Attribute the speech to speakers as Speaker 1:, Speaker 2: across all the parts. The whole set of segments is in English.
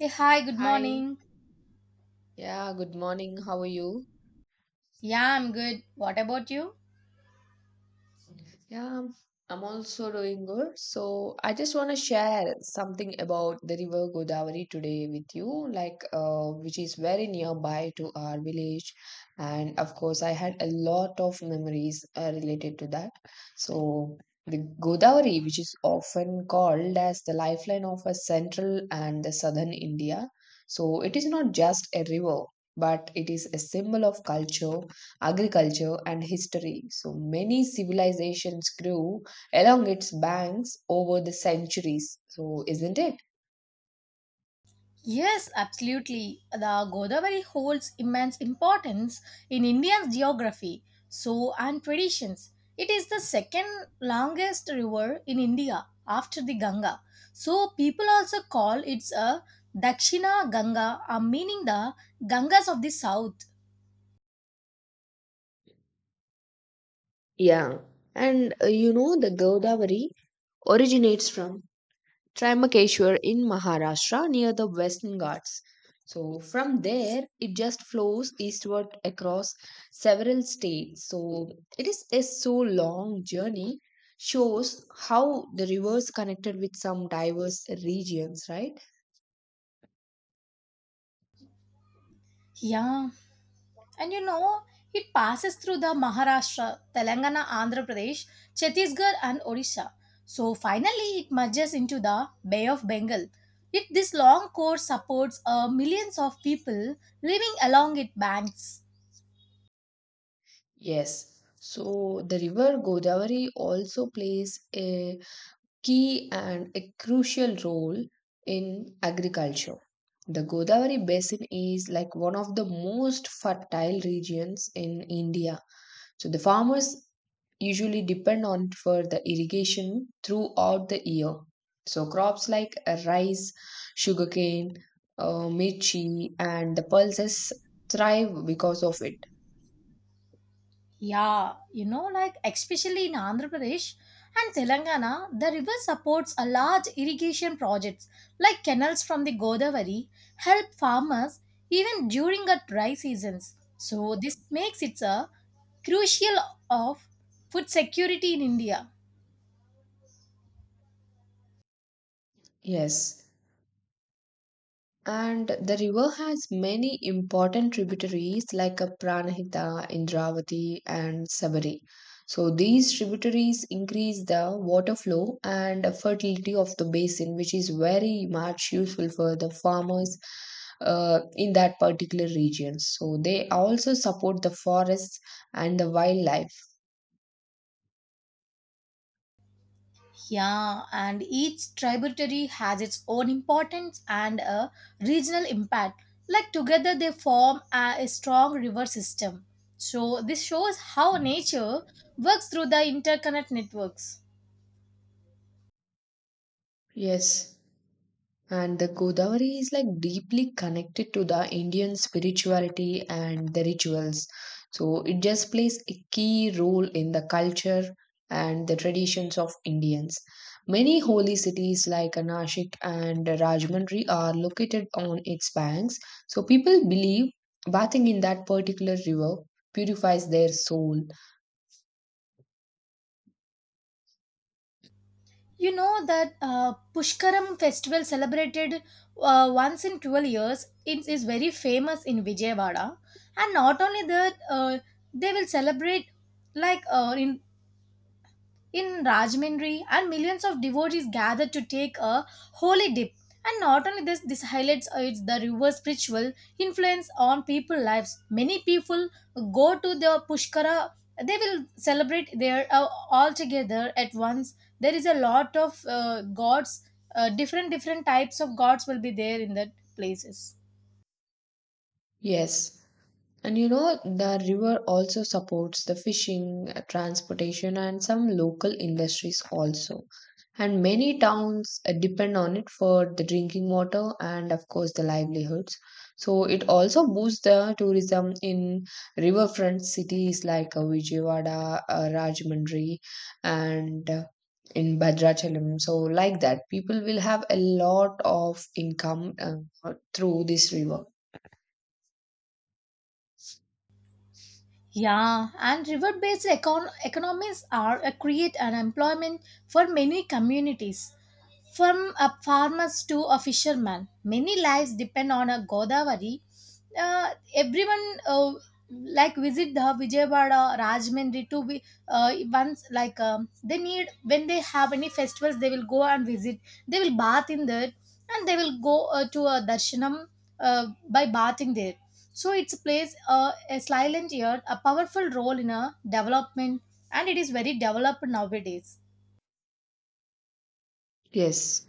Speaker 1: Hey, hi, good
Speaker 2: Hi.
Speaker 1: morning.
Speaker 2: Yeah, good morning. How are you?
Speaker 1: Yeah, I'm good. What about you?
Speaker 2: Yeah, I'm also doing good. So, I just want to share something about the river Godavari today with you, which is very nearby to our village. And of course, I had a lot of memories related to that. So, the Godavari, which is often called as the lifeline of a central and the southern India. So, it is not just a river, but it is a symbol of culture, agriculture, and history. So many civilizations grew along its banks over the centuries. So, isn't it?
Speaker 1: Yes, absolutely. The Godavari holds immense importance in India's geography, so and traditions. It is the second longest river in India after the Ganga. So people also call it a Dakshina Ganga, meaning the Gangas of the south.
Speaker 2: Yeah, and you know the Godavari originates from Trimbakeshwar in Maharashtra near the Western Ghats. So from there, it just flows eastward across several states. So it is a so long journey shows how the rivers connected with some diverse regions, right?
Speaker 1: Yeah, and you know, it passes through the Maharashtra, Telangana, Andhra Pradesh, Chhattisgarh, and Odisha. So finally, it merges into the Bay of Bengal. This long course supports millions of people living along its banks.
Speaker 2: Yes. So the river Godavari also plays a key and a crucial role in agriculture. The Godavari basin is like one of the most fertile regions in India. So the farmers usually depend on for the irrigation throughout the year. So crops like rice, sugarcane, mirchi, and the pulses thrive because of it.
Speaker 1: Yeah, you know, like especially in Andhra Pradesh and Telangana, the river supports a large irrigation projects like canals from the Godavari help farmers even during the dry seasons. So this makes it a crucial of food security in India.
Speaker 2: Yes. And the river has many important tributaries like a Pranahita, Indravati, and Sabari. So these tributaries increase the water flow and fertility of the basin, which is very much useful for the farmers in that particular region. So they also support the forests and the wildlife.
Speaker 1: Yeah, and each tributary has its own importance and a regional impact. Like together, they form a strong river system. So, this shows how nature works through the interconnect networks.
Speaker 2: Yes. And the Godavari is like deeply connected to the Indian spirituality and the rituals. So it just plays a key role in the culture and the traditions of Indians. Many holy cities like Nashik and Rajmundry are located on its banks. So people believe bathing in that particular river purifies their soul.
Speaker 1: You know that Pushkaram festival celebrated once in 12 years, it is very famous in Vijayawada. And not only that, they will celebrate like in Rajmindri, and millions of devotees gathered to take a holy dip. And not only this, this highlights it's the river's spiritual influence on people's lives. Many people go to the Pushkara, they will celebrate there all together at once. There is a lot of gods, different types of gods will be there in that places.
Speaker 2: Yes. And you know, the river also supports the fishing, transportation, and some local industries also. And many towns depend on it for the drinking water and, of course, the livelihoods. So it also boosts the tourism in riverfront cities like Vijayawada, Rajahmundry, and in Bhadrachalam. So, like that, people will have a lot of income through this river.
Speaker 1: Yeah, and economies are a create an employment for many communities, from a farmers to a fisherman. Many lives depend on a Godavari. Everyone like visit the Vijayawada, Rajmundry to be once like they need when they have any festivals, they will go and visit. They will bath in there and they will go to a darshanam by bathing there, so it plays a silent yet a powerful role in a development, and it is very developed nowadays.
Speaker 2: Yes.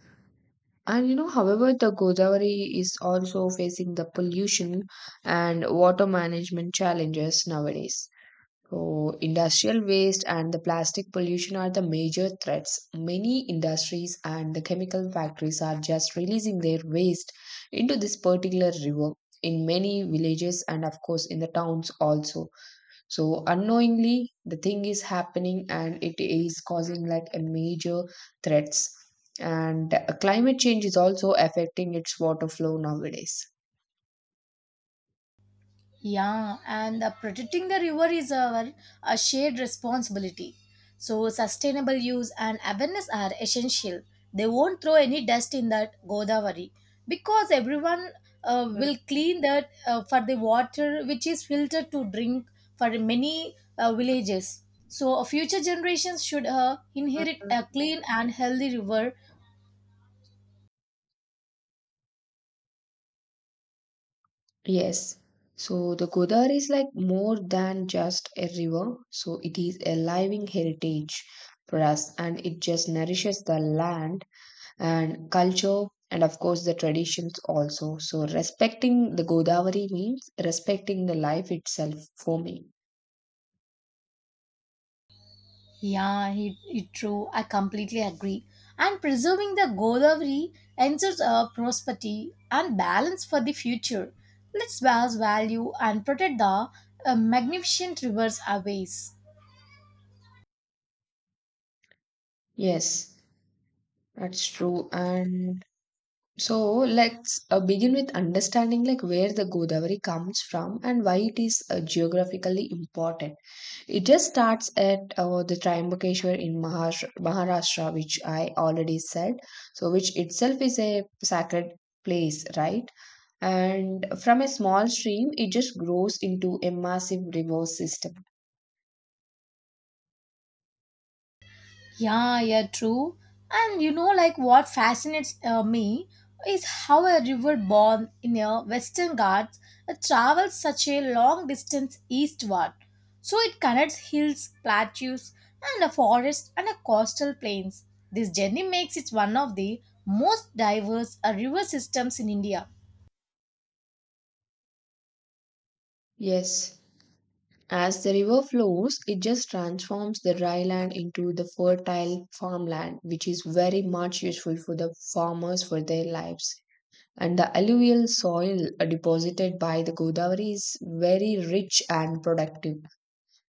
Speaker 2: And you know, however, the Godavari is also facing the pollution and water management challenges nowadays. So, industrial waste and the plastic pollution are the major threats. Many industries and the chemical factories are just releasing their waste into this particular river in many villages and, of course, in the towns also. So unknowingly, the thing is happening and it is causing like a major threats. And climate change is also affecting its water flow nowadays.
Speaker 1: Yeah, and protecting the river is our a shared responsibility. So sustainable use and awareness are essential. They won't throw any dust in that Godavari because everyone will clean that for the water which is filtered to drink for many villages. So future generations should inherit a clean and healthy river.
Speaker 2: Yes. So the Godavari is like more than just a river. So it is a living heritage for us and it just nourishes the land and culture and of course the traditions also. So respecting the Godavari means respecting the life itself for me.
Speaker 1: Yeah, it true. I completely agree. And preserving the Godavari ensures prosperity and balance for the future. Let's value and protect the magnificent rivers aways.
Speaker 2: Yes. That's true. And so let's begin with understanding like where the Godavari comes from and why it is geographically important. It just starts at the Triambakeshwar in Maharashtra, Maharashtra, which I already said. So which itself is a sacred place, right? And from a small stream, it just grows into a massive river system.
Speaker 1: Yeah, yeah, true. And you know, like what fascinates me is how a river born in a Western Ghats travels such a long distance eastward. So it connects hills, plateaus, and a forest and a coastal plains. This journey makes it one of the most diverse river systems in India.
Speaker 2: Yes. As the river flows, it just transforms the dry land into the fertile farmland, which is very much useful for the farmers for their lives. And the alluvial soil deposited by the Godavari is very rich and productive.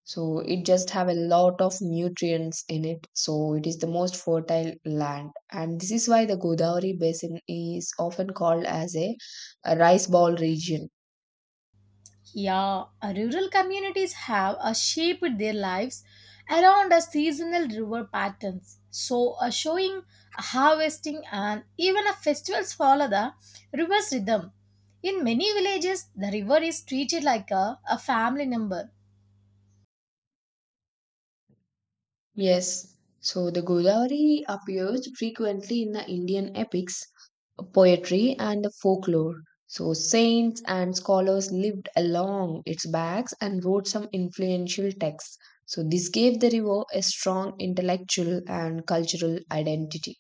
Speaker 2: So it just have a lot of nutrients in it. So it is the most fertile land. And this is why the Godavari basin is often called as a rice ball region.
Speaker 1: Yeah, rural communities have shaped their lives around a seasonal river patterns. Showing, harvesting, and even a festivals follow the river's rhythm. In many villages, the river is treated like a family member.
Speaker 2: Yes, so the Godavari appears frequently in the Indian epics, poetry, and the folklore. So, saints and scholars lived along its banks and wrote some influential texts. So, this gave the river a strong intellectual and cultural identity.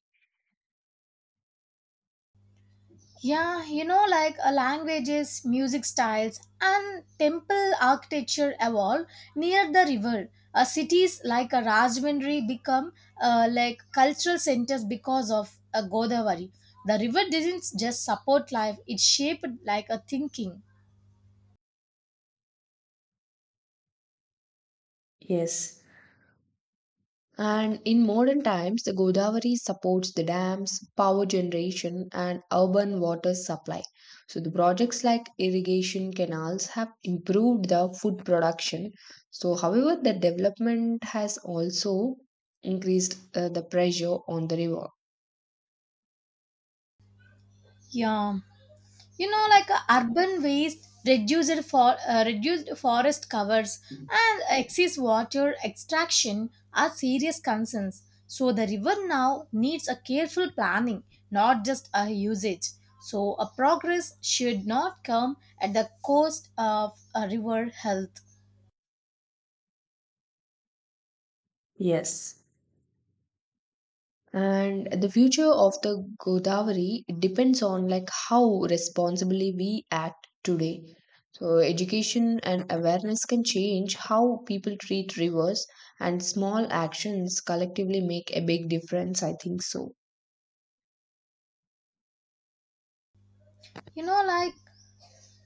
Speaker 1: Yeah, you know, like languages, music styles, and temple architecture evolve near the river. Cities like Rajahmundry become like cultural centers because of Godavari. The river didn't just support life; it shaped like a thinking.
Speaker 2: Yes, and in modern times, the Godavari supports the dams, power generation, and urban water supply. So, the projects like irrigation canals have improved the food production. So, however, the development has also increased the pressure on the river.
Speaker 1: Yeah. You know like urban waste reduced forest covers and excess water extraction are serious concerns, so the river now needs a careful planning, not just a usage. So a progress should not come at the cost of a river health.
Speaker 2: Yes. And the future of the Godavari depends on like how responsibly we act today, so education and awareness can change how people treat rivers, and small actions collectively make a big difference I think so.
Speaker 1: You know like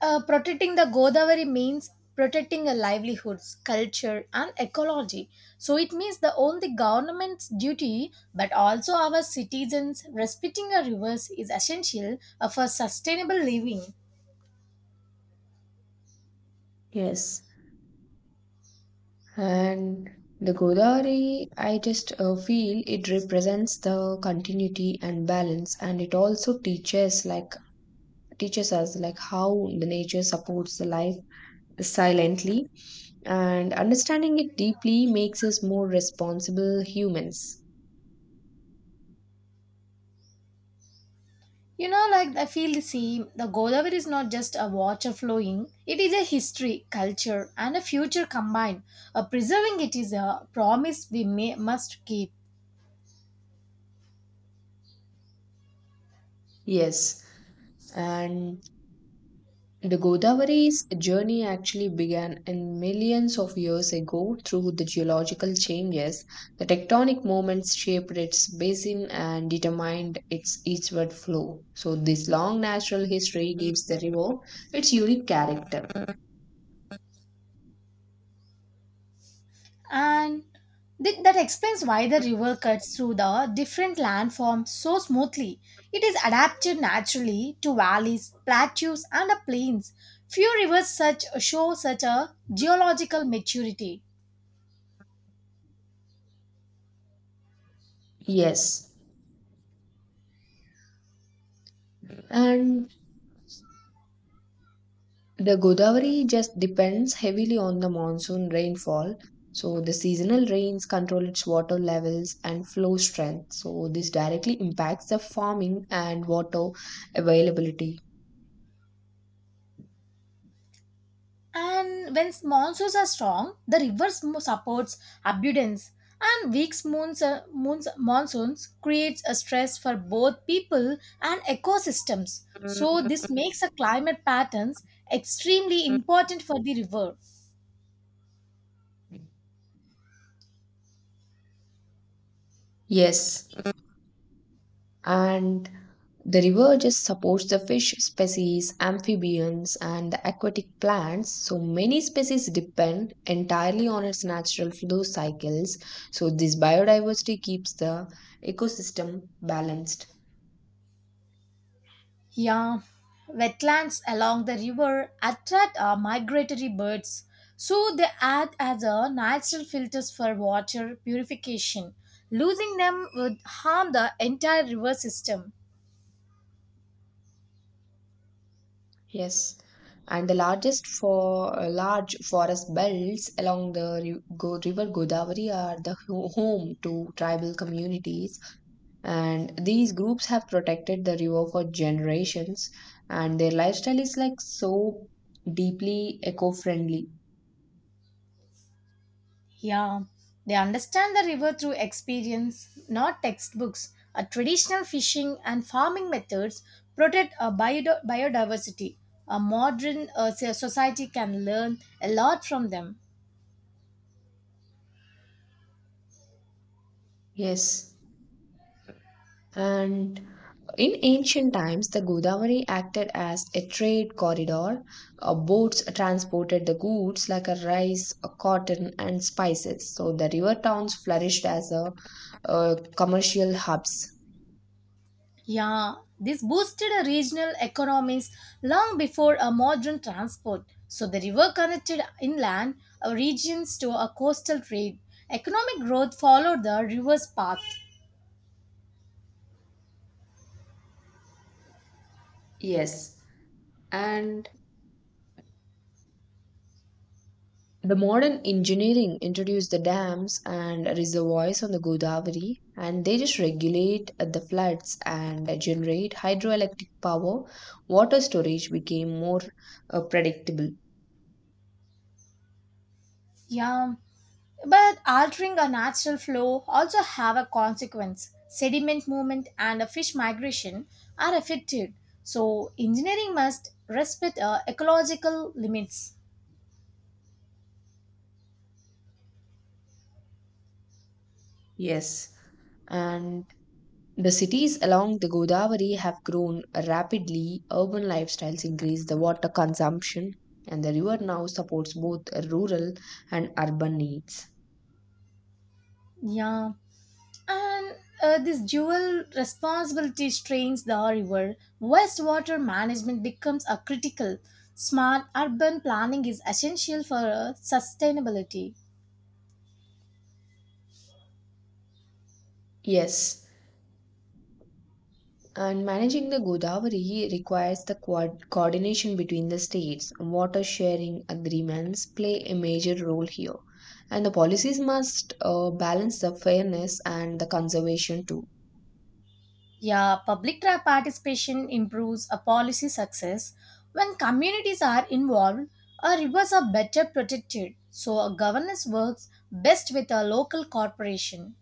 Speaker 1: Protecting the Godavari means protecting our livelihoods, culture, and ecology. So it means the only government's duty, but also our citizens respecting our rivers is essential for sustainable living.
Speaker 2: Yes, and the Godavari I just feel it represents the continuity and balance, and it also teaches us like how the nature supports the life silently, and understanding it deeply makes us more responsible humans.
Speaker 1: You know, like I feel the same. The Godavari is not just a water flowing; it is a history, culture, and a future combined. Preserving it is a promise must keep.
Speaker 2: Yes, and the Godavari's journey actually began in millions of years ago through the geological changes. The tectonic movements shaped its basin and determined its eastward flow. So, this long natural history gives the river its unique character.
Speaker 1: And that explains why the river cuts through the different landforms so smoothly. It is adapted naturally to valleys, plateaus, and the plains. Few rivers such show such a geological maturity.
Speaker 2: Yes. And the Godavari just depends heavily on the monsoon rainfall. So the seasonal rains control its water levels and flow strength. So this directly impacts the farming and water availability.
Speaker 1: And when monsoons are strong, the supports abundance, and monsoons creates a stress for both people and ecosystems. So this makes a climate patterns extremely important for the river.
Speaker 2: Yes, and the river just supports the fish species, amphibians, and the aquatic plants. So many species depend entirely on its natural flow cycles. So this biodiversity keeps the ecosystem balanced.
Speaker 1: Yeah, wetlands along the river attract migratory birds, so they act as a natural filters for water purification. Losing them would harm the entire river system.
Speaker 2: Yes, and the largest for large forest belts along the river Godavari are the home to tribal communities, and these groups have protected the river for generations, and their lifestyle is like so deeply eco-friendly.
Speaker 1: Yeah, they understand the river through experience, not textbooks. A traditional fishing and farming methods protect biodiversity. A modern society can learn a lot from them.
Speaker 2: Yes, and in ancient times, the Godavari acted as a trade corridor. Boats transported the goods like a rice, cotton, and spices. So the river towns flourished as commercial hubs.
Speaker 1: Yeah, this boosted a regional economies long before a modern transport. So the river connected inland regions to a coastal trade. Economic growth followed the river's path.
Speaker 2: Yes. And the modern engineering introduced the dams and reservoirs on the Godavari, and they just regulate the floods and generate hydroelectric power. Water storage became more predictable.
Speaker 1: Yeah, but altering a natural flow also have a consequence. Sediment movement and a fish migration are affected. So engineering must respect ecological limits.
Speaker 2: Yes, and the cities along the Godavari have grown rapidly. Urban lifestyles increase the water consumption, and the river now supports both rural and urban needs.
Speaker 1: Yeah, and this dual responsibility strains the river. Wastewater management becomes a critical. Smart urban planning is essential for sustainability.
Speaker 2: Yes, and managing the Godavari requires the coordination between the states. Water sharing agreements play a major role here, and the policies must balance the fairness and the conservation too.
Speaker 1: Yeah, participation improves a policy success. When communities are involved, our rivers are better protected. So, a governance works best with a local corporation.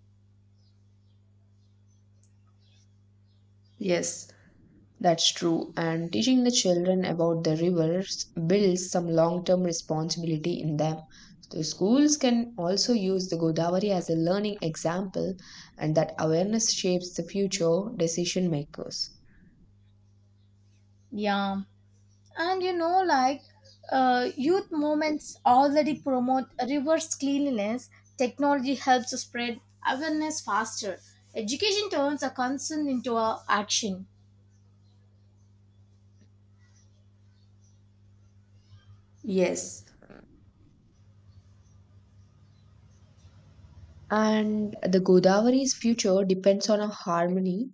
Speaker 2: Yes, that's true. And teaching the children about the rivers builds some long term responsibility in them. The schools can also use the Godavari as a learning example, and that awareness shapes the future decision makers.
Speaker 1: Yeah, and you know, like youth movements already promote reverse cleanliness. Technology helps to spread awareness faster. Education turns a concern into a action.
Speaker 2: Yes, and the Godavari's future depends on a harmony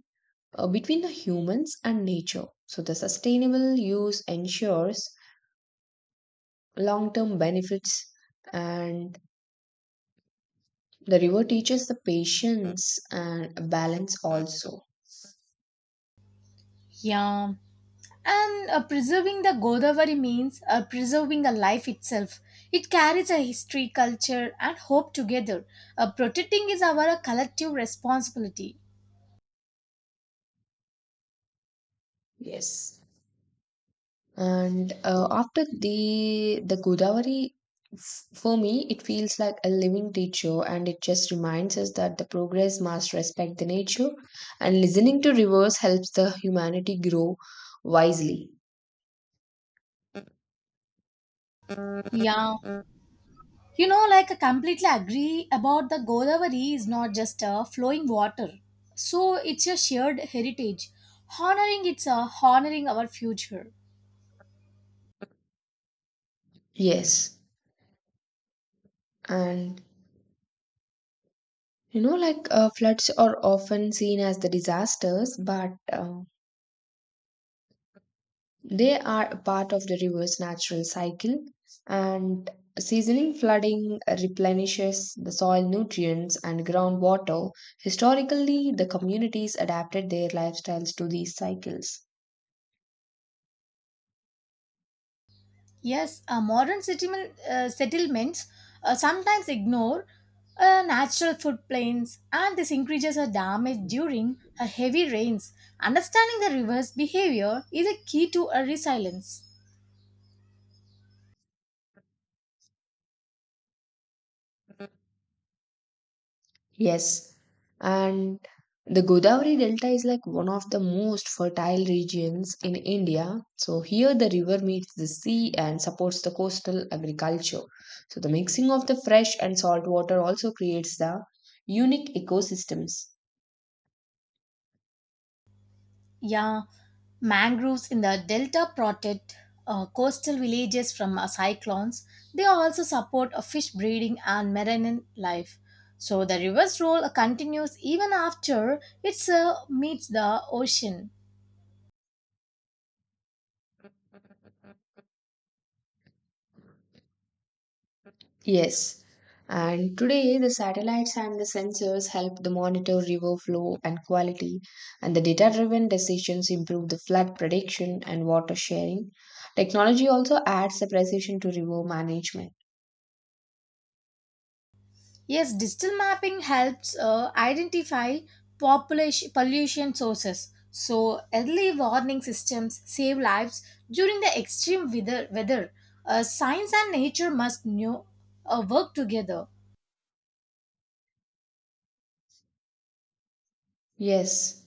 Speaker 2: between the humans and nature. So the sustainable use ensures long term benefits, and the river teaches the patience and balance also.
Speaker 1: Yeah. And preserving the Godavari means preserving the life itself. It carries a history, culture, and hope together. Protecting is our collective responsibility.
Speaker 2: Yes. And after the Godavari, for me, it feels like a living teacher, and it just reminds us that the progress must respect the nature, and listening to rivers helps the humanity grow wisely.
Speaker 1: Yeah. You know, like I completely agree about the Godavari is not just a flowing water. So it's a shared heritage. Honoring it's a honoring our future.
Speaker 2: Yes, and you know, like floods are often seen as the disasters, but uh, they are a part of the river's natural cycle, and seasoning flooding replenishes the soil nutrients and groundwater. Historically, the communities adapted their lifestyles to these cycles.
Speaker 1: Yes, uh, settlements sometimes ignore natural floodplains, and these increases are damaged during heavy rains. Understanding the river's behavior is a key to a resilience.
Speaker 2: Yes, and the Godavari Delta is like one of the most fertile regions in India. So here the river meets the sea and supports the coastal agriculture. So the mixing of the fresh and salt water also creates the unique ecosystems.
Speaker 1: Yeah, mangroves in the delta protect coastal villages from cyclones. They also support fish breeding and marine life. So the river's role continues even after it meets the ocean.
Speaker 2: Yes. And today, the satellites and the sensors help the monitor river flow and quality, and the data driven decisions improve the flood prediction and water sharing. Technology also adds the precision to river management.
Speaker 1: Yes, digital mapping helps identify population pollution sources. So early warning systems save lives during the extreme weather. Science and nature must know, work together.
Speaker 2: Yes.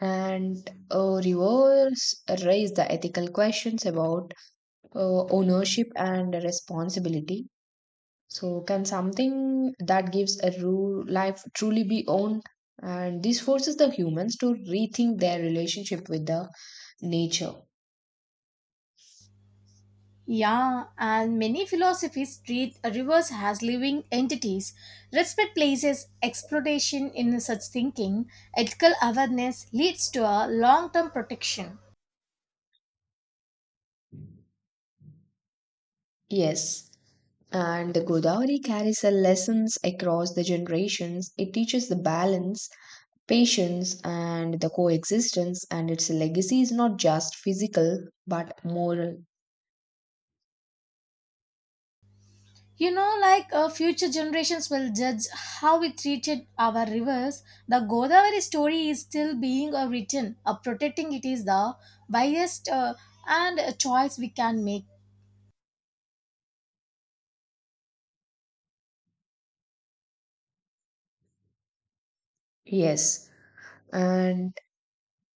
Speaker 2: And rivers raise the ethical questions about ownership and responsibility. So can something that gives a ru life truly be owned? And this forces the humans to rethink their relationship with the nature.
Speaker 1: Yeah, and many philosophies treat rivers as living entities. Respect places exploitation in such thinking. Ethical awareness leads to a long-term protection.
Speaker 2: Yes. And the Godavari carries the lessons across the generations. It teaches the balance, patience, and the coexistence, and its legacy is not just physical but moral.
Speaker 1: You know, like future generations will judge how we treated our rivers. The Godavari story is still being written. Protecting it is the wisest and choice we can make.
Speaker 2: Yes. And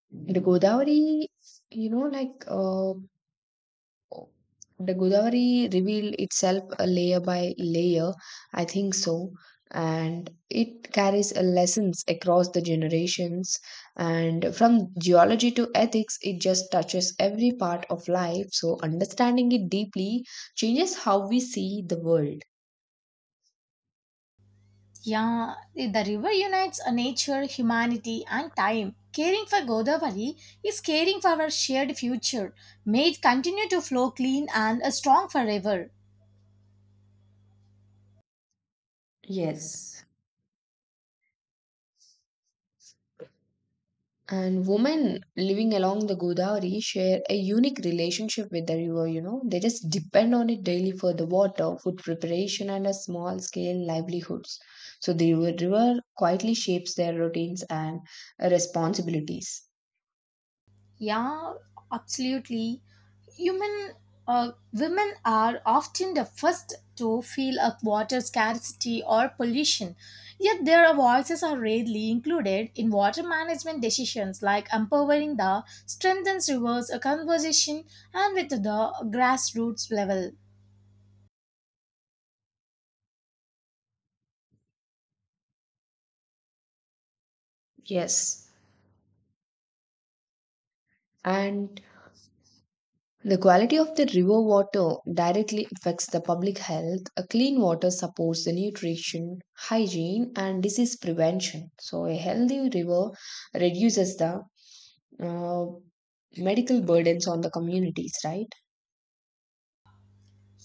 Speaker 2: the Godavari, you know, like the Godavari revealed itself a layer by layer, I think so, and it carries a lessons across the generations. And from geology to ethics, it just touches every part of life. So understanding it deeply changes how we see the world.
Speaker 1: Yeah, the river unites nature, humanity, and time. Caring for Godavari is caring for our shared future. May it continue to flow clean and strong forever.
Speaker 2: Yes. And women living along the Godavari share a unique relationship with the river, you know. They just depend on it daily for the water, food preparation, and a small scale livelihoods. So the river quietly shapes their routines and responsibilities.
Speaker 1: Yeah, absolutely. Human, women are often the first to feel a water scarcity or pollution, yet their voices are rarely included in water management decisions like empowering the strengthens rivers a conversation and with the grassroots level.
Speaker 2: Yes. And the quality of the river water directly affects the public health. A clean water supports the nutrition, hygiene, and disease prevention. So, a healthy river reduces the uh, medical burdens on the communities, right?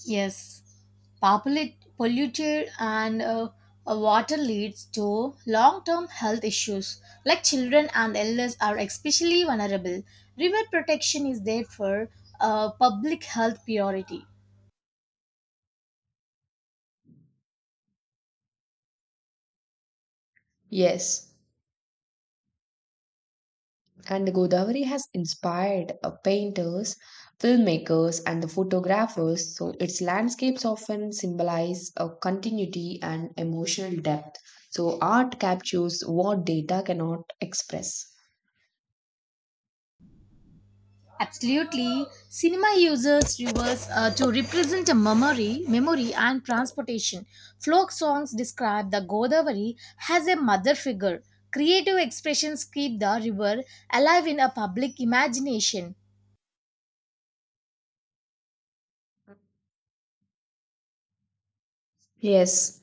Speaker 1: Yes, polluted and water leads to long-term health issues, like children and elders are especially vulnerable. River protection is therefore a public health priority.
Speaker 2: Yes, and the Godavari has inspired painters, filmmakers, and the photographers, so its landscapes often symbolize a continuity and emotional depth. So, art captures what data cannot express.
Speaker 1: Absolutely, cinema uses rivers to represent memory and transportation. Folk songs describe the Godavari as a mother figure. Creative expressions keep the river alive in a public imagination.
Speaker 2: Yes,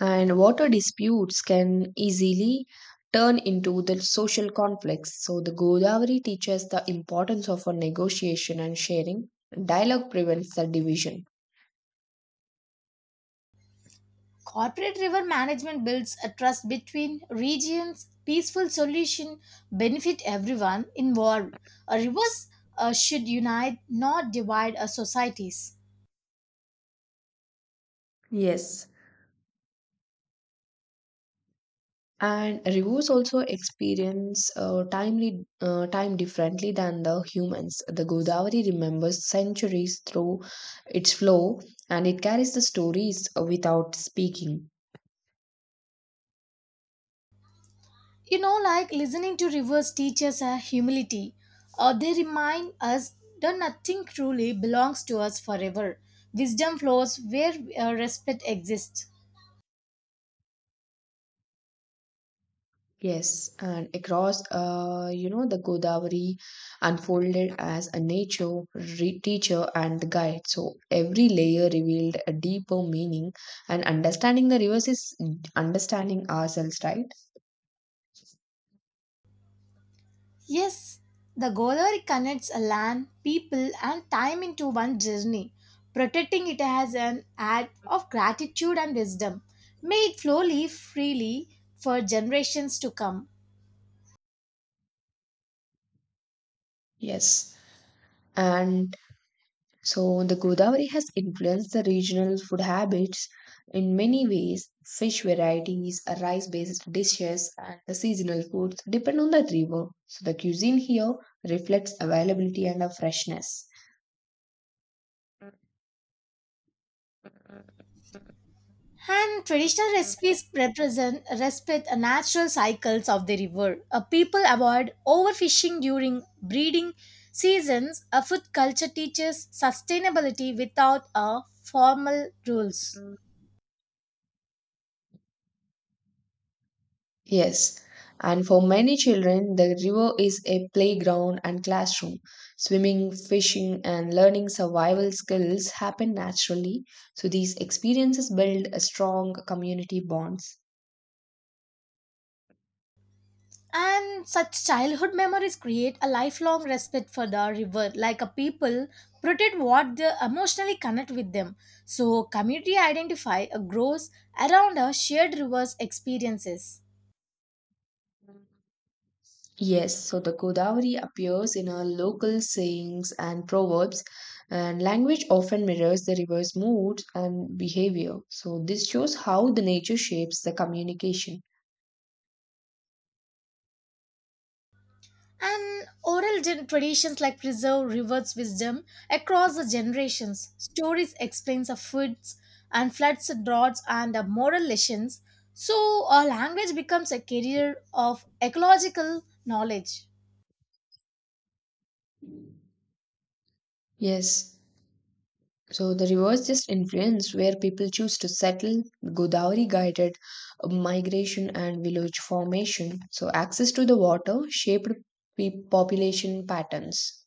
Speaker 2: and water disputes can easily turn into the social conflicts. So the Godavari teaches the importance of a negotiation and sharing. Dialogue prevents the division.
Speaker 1: Corporate river management builds a trust between regions. Peaceful solution benefit everyone involved. Rivers should unite, not divide our societies.
Speaker 2: Yes, and rivers also experience time differently than the humans. The Godavari remembers centuries through its flow, and it carries the stories without speaking.
Speaker 1: You know, like listening to rivers teaches us humility. They remind us that nothing truly belongs to us forever. Wisdom flows where respect exists.
Speaker 2: Yes, and across, you know, the Godavari unfolded as a teacher and the guide. So every layer revealed a deeper meaning, and understanding the rivers is understanding ourselves, right?
Speaker 1: Yes, the Godavari connects a land, people, and time into one journey. Protecting it as an act of gratitude and wisdom. May it flow freely for generations to come.
Speaker 2: Yes, and so the Godavari has influenced the regional food habits in many ways. Fish varieties, rice-based dishes, and the seasonal foods depend on the river. So the cuisine here reflects availability and a freshness.
Speaker 1: And traditional recipes represent respect the natural cycles of the river. A people avoid overfishing during breeding seasons. A food culture teaches sustainability without a formal rules.
Speaker 2: Yes, and for many children, the river is a playground and classroom. Swimming, fishing, and learning survival skills happen naturally, so these experiences build a strong community bonds.
Speaker 1: And such childhood memories create a lifelong respect for the river, like a people protect what they emotionally connect with them. So community identify grows around a shared river's experiences.
Speaker 2: Yes, so the Godavari appears in our local sayings and proverbs, and language often mirrors the river's moods and behavior. So, this shows how the nature shapes the communication.
Speaker 1: And traditions like preserve rivers' wisdom across the generations. Stories explains the foods and floods, droughts, and the moral lessons. So a language becomes a carrier of ecological knowledge.
Speaker 2: Yes. So the reverse just influence where people choose to settle, Godavari guided migration and village formation. So access to the water shaped population patterns.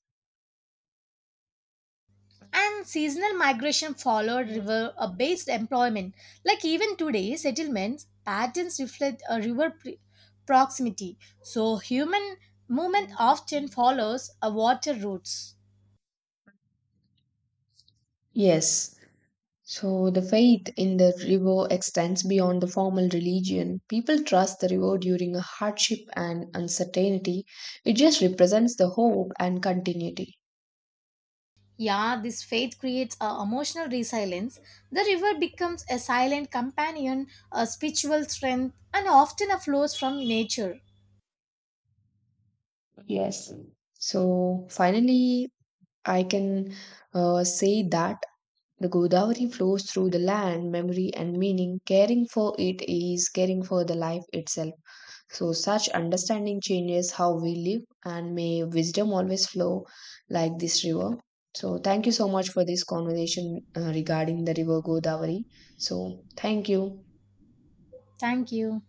Speaker 1: And seasonal migration followed river based employment. Like even today, settlements patterns reflect a proximity. So human movement often follows a water routes.
Speaker 2: Yes. So the faith in the river extends beyond the formal religion. People trust the river during a hardship and uncertainty. It just represents the hope and continuity.
Speaker 1: Yeah, this faith creates a emotional resilience. The river becomes a silent companion, a spiritual strength, and often a flows from nature.
Speaker 2: Yes. So finally, I can say that the Godavari flows through the land, memory, and meaning. Caring for it is caring for the life itself. So, such understanding changes how we live, and may wisdom always flow like this river. So, thank you so much for this conversation regarding the river Godavari. So, thank you.
Speaker 1: Thank you.